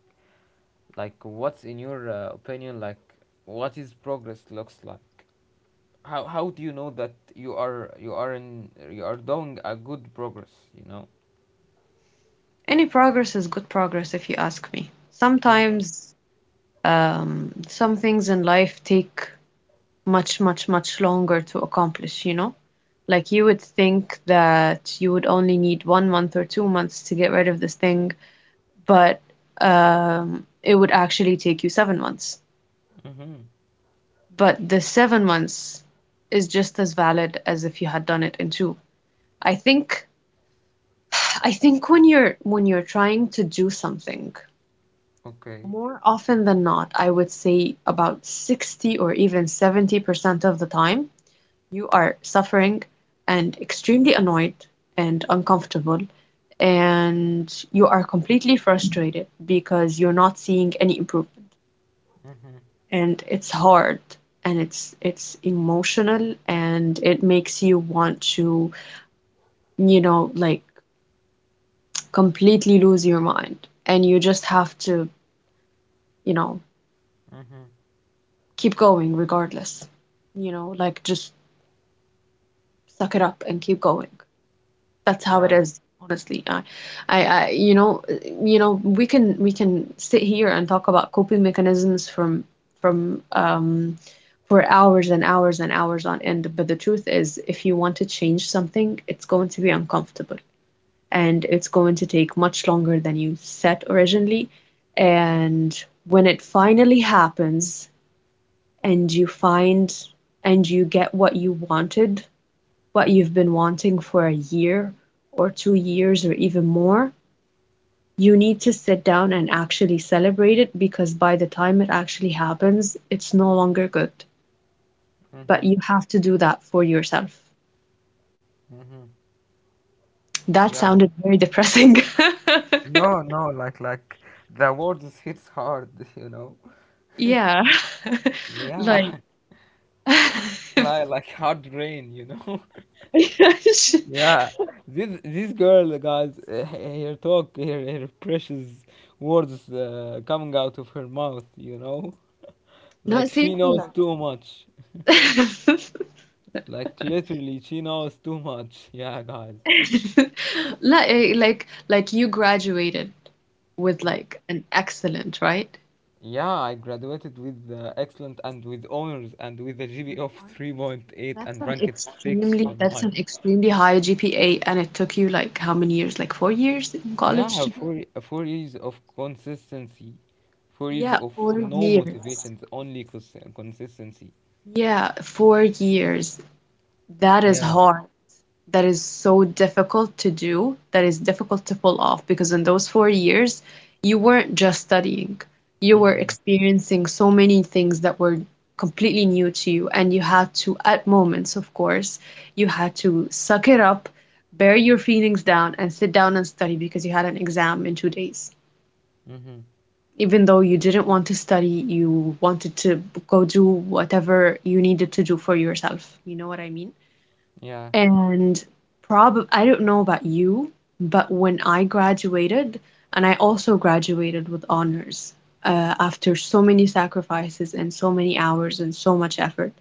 what's in your opinion, like, what is progress looks like? How do you know that you are doing a good progress, you know? any progress is good progress if you ask me. Mm-hmm. Sometimes some things in life take much, much, much longer to accomplish, you know? Like you would think that you would only need 1 month or 2 months to get rid of this thing, but it would actually take you 7 months. Mm-hmm. But the 7 months is just as valid as if you had done it in two. I think I think when you're trying to do something. Okay. More often than not, I would say about 60 or even 70% of the time, you are suffering and extremely annoyed and uncomfortable, and you are completely frustrated because you're not seeing any improvement. Mm-hmm. And it's hard and it's emotional and it makes you want to, you know, like completely lose your mind. And you just have to, you know, Mm-hmm. keep going regardless, you know, like just suck it up and keep going. That's how it Yeah. is, honestly. I, you know, we can sit here and talk about coping mechanisms from from for hours and hours and hours on end, but the truth is, if you want to change something, it's going to be uncomfortable and it's going to take much longer than you set originally. And when it finally happens and you find and you get what you wanted, what you've been wanting for a year or 2 years or even more, you need to sit down and actually celebrate it because by the time it actually happens, it's no longer good. But Mm-hmm. you have to do that for yourself. Mm-hmm. That Yeah. sounded very depressing. no no like like the words hits hard you know. Yeah. Like, Yeah. Like hard rain, you know. Yeah. This girl, guys, her talk, her precious words, coming out of her mouth, you know? no, Like, she seriously. knows too much. Like, Like, literally, she knows too much. Yeah, guys. like you graduated with Mm. like an excellent, right? Yeah, I graduated with excellent and with honors and with a With GPA of honors. 3.8 That's and an ranked 6 extremely on that's an mine. extremely high GPA, and it took you like how many years? Like 4 years in college Yeah, to do? Four years of consistency. Four years Yeah, of four no years. motivations, only consistency. Yeah, 4 years. That is Yeah. hard. That is so difficult to do, that is difficult to pull off, because in those 4 years, you weren't just studying, you were Mm-hmm. experiencing so many things that were completely new to you. And you had to, at moments, of course, you had to suck it up, bear your feelings down, and sit down and study because you had an exam in 2 days. Mm-hmm. Even though you didn't want to study, you wanted to go do whatever you needed to do for yourself. You know what I mean? Yeah. And probably I don't know about you, but when I graduated, and I also graduated with honors after so many sacrifices and so many hours and so much effort.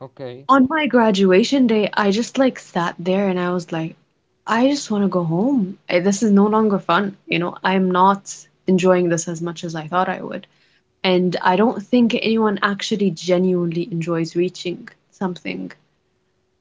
Okay. On my graduation day, I just like sat there and I was like, I just want to go home. I- This is no longer fun. You know, I'm not enjoying this as much as I thought I would. And I don't think anyone actually genuinely enjoys reaching something.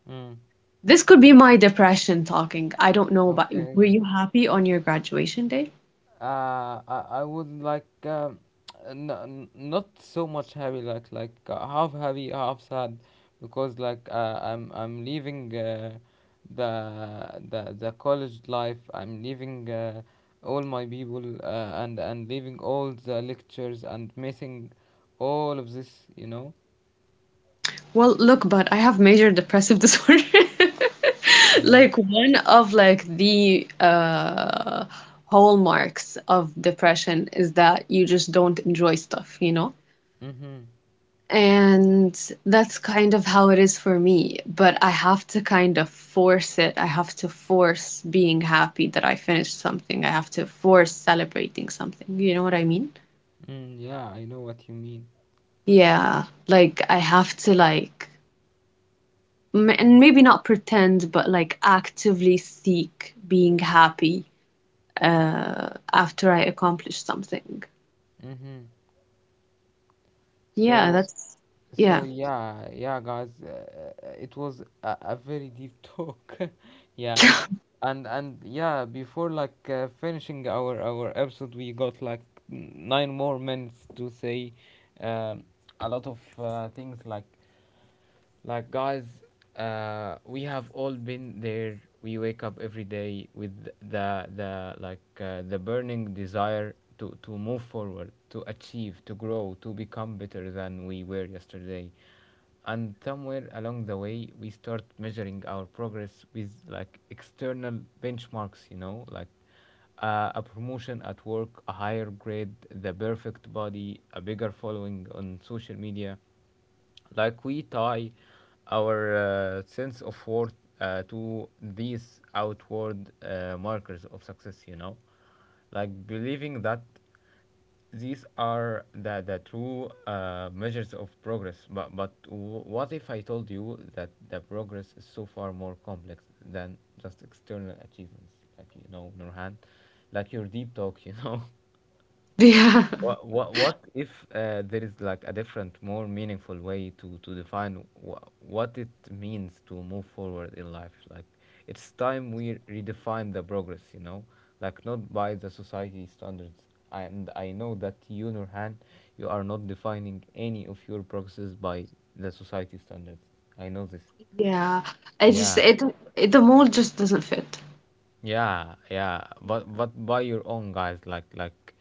Mm. This could be my depression talking. I don't know, but were Okay. you happy on your graduation day? I would like, not so much happy, half happy, half sad, because, I'm leaving, the college life. I'm leaving all my people, and leaving all the lectures and missing all of this, you know. Well, look, but I have major depressive disorder. Yeah. Like one of like the hallmarks of depression is that you just don't enjoy stuff, you know? Mm-hmm. And that's kind of how it is for me, but I have to kind of force it. I have to force being happy that I finished something. I have to force celebrating something. You know what I mean? Mm, yeah, I know what you mean. Yeah, like I have to like m and maybe not pretend, but like actively seek being happy after I accomplish something. Mm-hmm. Yeah, So. that's yeah. So yeah, yeah, guys, it was a very deep talk, yeah, and yeah, before, finishing our episode, we got like nine more minutes to say, um, a lot of things like. Like, guys, we have all been there. We wake up every day with the burning desire to move forward, to achieve, to grow, to become better than we were yesterday. And somewhere along the way, we start measuring our progress with like external benchmarks. You know, like, a promotion at work, a higher grade, the perfect body, a bigger following on social media. Like, we tie our sense of worth to these outward markers of success, you know? Like, believing that these are the true measures of progress. But what if I told you that the progress is so far more complex than just external achievements? Like, you know, Nurhan, like your deep talk, you know. Yeah. What if, there is like a different, more meaningful way to define what it means to move forward in life? Like, it's time we redefine the progress, you know, like, not by the society standards. And I know that you, Nurhan, you are not defining any of your progresses by the society standards. I know this. Yeah. I just Yeah. it, it the mold just doesn't fit. Yeah, yeah, but by your own, guys, like, like,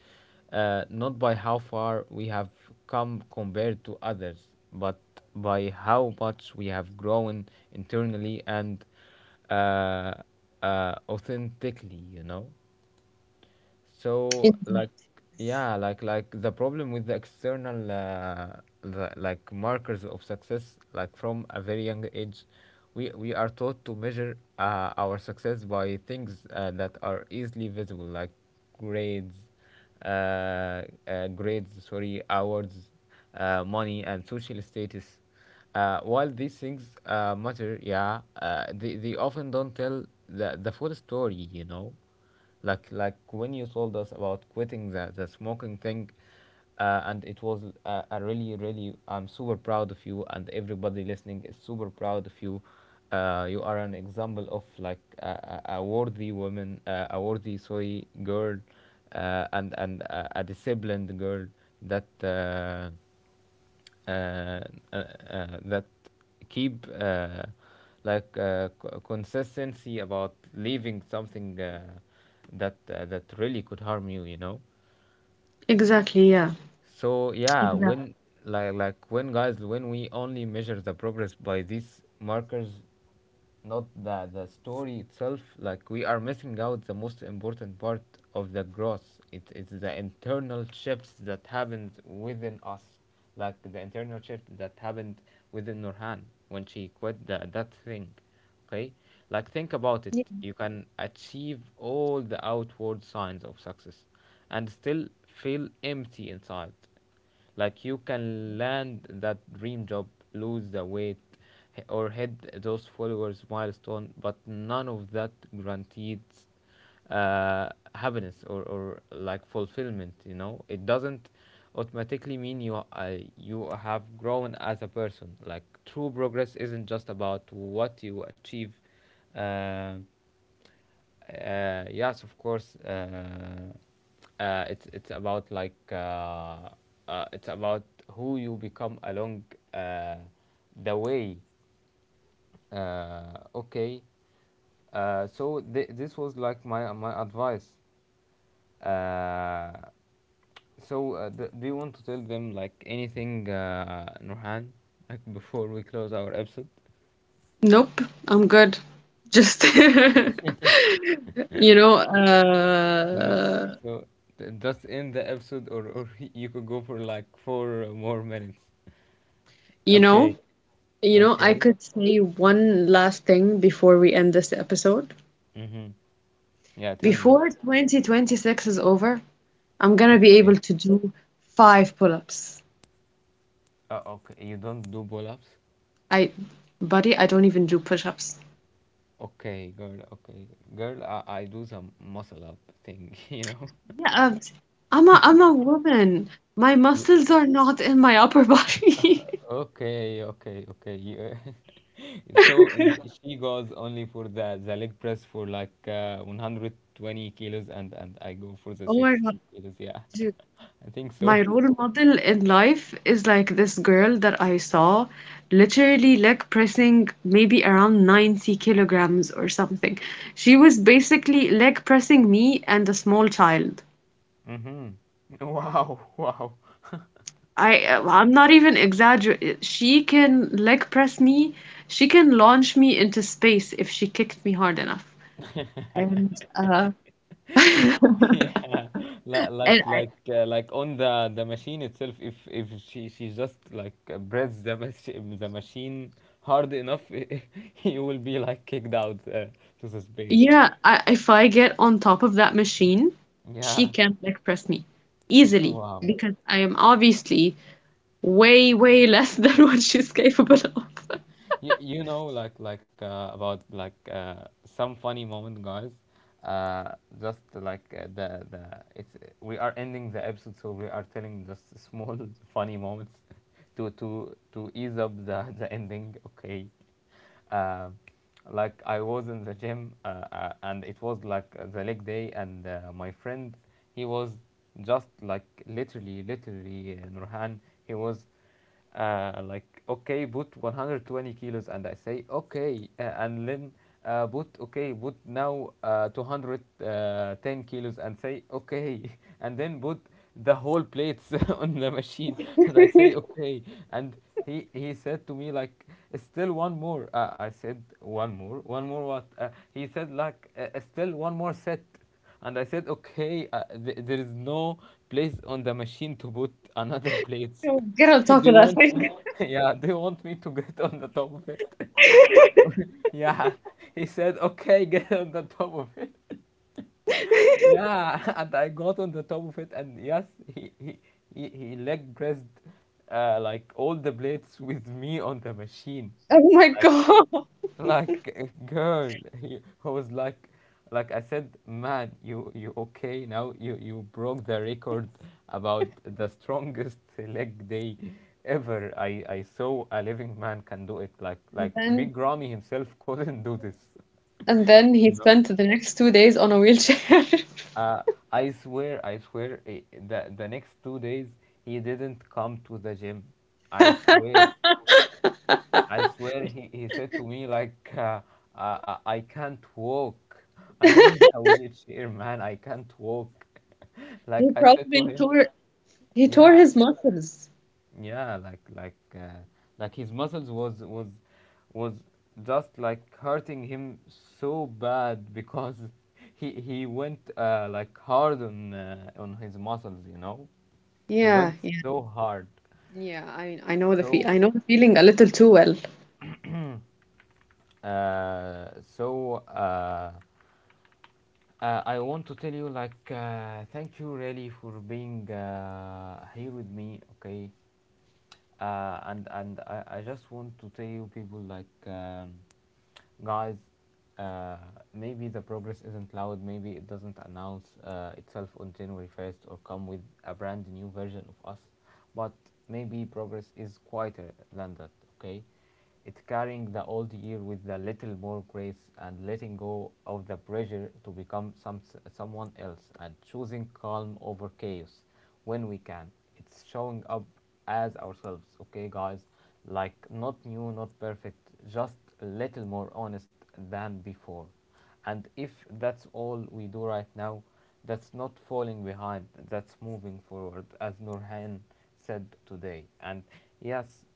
uh, not by how far we have come compared to others, but by how much we have grown internally and, uh, authentically, you know? So It- like, yeah, like, the problem with the external, like, markers of success, like from a very young age, we are taught to measure our success by things that are easily visible, like grades, grades sorry awards, money, and social status. While these things, matter, yeah, they often don't tell the full story, you know? Like, when you told us about quitting the smoking thing, and it was, a really really, I'm super proud of you, and everybody listening is super proud of you. You are an example of like a worthy woman, a worthy sorry girl, and a disciplined girl, that, uh, uh, uh, that keep, consistency about leaving something, that really could harm you, you know? Exactly, yeah. So yeah, Exactly. when, when, guys, when we only measure the progress by these markers, not the story itself, like we are missing out the most important part of the growth. It's the internal shifts that happens within us. Like, the internal shift that happened within Nurhan when she quit that thing. Okay? Like, think about Yeah. it. You can achieve all the outward signs of success and still feel empty inside. Like, you can land that dream job, lose the weight, or hit those followers' milestone, but none of that guarantees uh, happiness or like fulfillment. It doesn't automatically mean you you have grown as a person. Like true progress isn't just about what you achieve. uh, yes, of course, it's about it's about who you become along uh, the way. Okay, so this was like my advice. Uh, so, d do you want to tell them like anything, Nurhan, like before we close our episode? Nope, I'm good. Just know, You know, uh so d just end the episode, or you could go for like four more minutes. you Okay, know, You know, I okay. could say one last thing before we end this episode. Mm-hmm. Yeah, tell me. Before 2026 is over, I'm gonna be able Okay. to do 5 pull-ups. Okay. You don't do pull-ups? I, buddy, I don't even do push-ups. Okay, girl. Okay, girl. I do some muscle up thing. You know. Yeah, I'm a woman. My muscles are not in my upper body. Okay, okay, okay. You, so she goes only for the leg press for like 120 kilos, and I go for the Oh my God, 60 kilos. Yeah, dude. I think so. My role model in life is like this girl that I saw literally like pressing maybe around 90 kilograms or something. She was basically leg pressing me and a small child. Mm-hmm. Wow, wow. I I'm not even exaggerating. She can leg press me. She can launch me into space if she kicked me hard enough. And Yeah, and like on the machine itself. If she just like breathes the machine hard enough, he will be like kicked out to the space. Yeah, I, if I get on top of that machine, she Yeah. can't leg press me easily Wow. because I am obviously way, way less than what she's capable of. You know, about some funny moment, guys, uh, just like the it's we are ending the episode, so we are telling just small funny moments to ease up the ending, okay? uh, like, I was in the gym and it was like the leg day, and my friend he was just like literally, Nurhan, he was like, okay, put 120 kilos, and I say okay, and then, put, okay, put now, 210 kilos, and say okay, and then put the whole plates on the machine, and I say okay. And he said to me like, still one more. I said, one more what? He said like, still one more set, and I said okay. There is no place on the machine to put another plates. Oh, get on top They of that want thing. me? Yeah, they want me to get on the top of it? Yeah. He said okay, get on the top of it. Yeah, and I got on the top of it, and yes, he leg pressed like all the blades with me on the machine. Oh my Like, God. Like girl, he, I was like I said, man, you okay now? You broke the record about the strongest leg day ever. I saw a living man can do it. Like And like then, Big Ramy himself couldn't do this. and then You he know? spent the next 2 days on a wheelchair. Uh, I swear, the next 2 days he didn't come to the gym. I swear, I swear he said to me like I can't walk. I need a wheelchair, man. I can't walk. Like He I said to probably him, tore, he tore yeah, his muscles. yeah, like his muscles was just like hurting him so bad because he went like hard on his muscles, you know. He went Yeah, so hard, yeah. I, know the fe so I know the feeling a little too well. so. I want to tell you, like, thank you really for being here with me, okay? And I just want to tell you, people, like, guys, uh, maybe the progress isn't loud, maybe it doesn't announce itself on January 1st, or come with a brand new version of us, but maybe progress is quieter than that, okay? It's carrying the old year with a little more grace, and letting go of the pressure to become someone else, and choosing calm over chaos when we can. It's showing up as ourselves, okay, guys? Like, not new, not perfect, just a little more honest than before. And if that's all we do right now, that's not falling behind, that's moving forward, as Nurhan said today. And yes,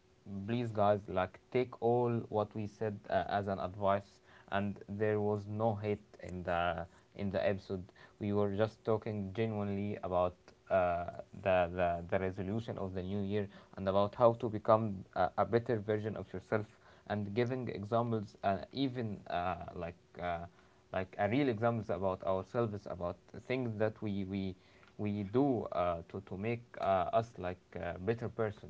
please guys, like take all what we said as an advice. And there was no hate in the episode. We were just talking genuinely about uh, the, the resolution of the new year, and about how to become a better version of yourself, and giving examples even like a real examples about ourselves, about things that we do to make us like a better person.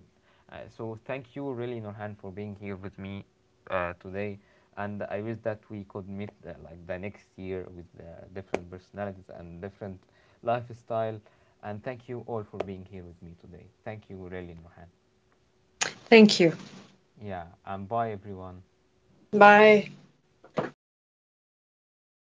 So thank you really, Norhan, for being here with me today, and I wish that we could meet like the next year with different personalities and different lifestyle. And thank you all for being here with me today. Thank you really, Norhan. Thank you. Yeah, and bye everyone. Bye.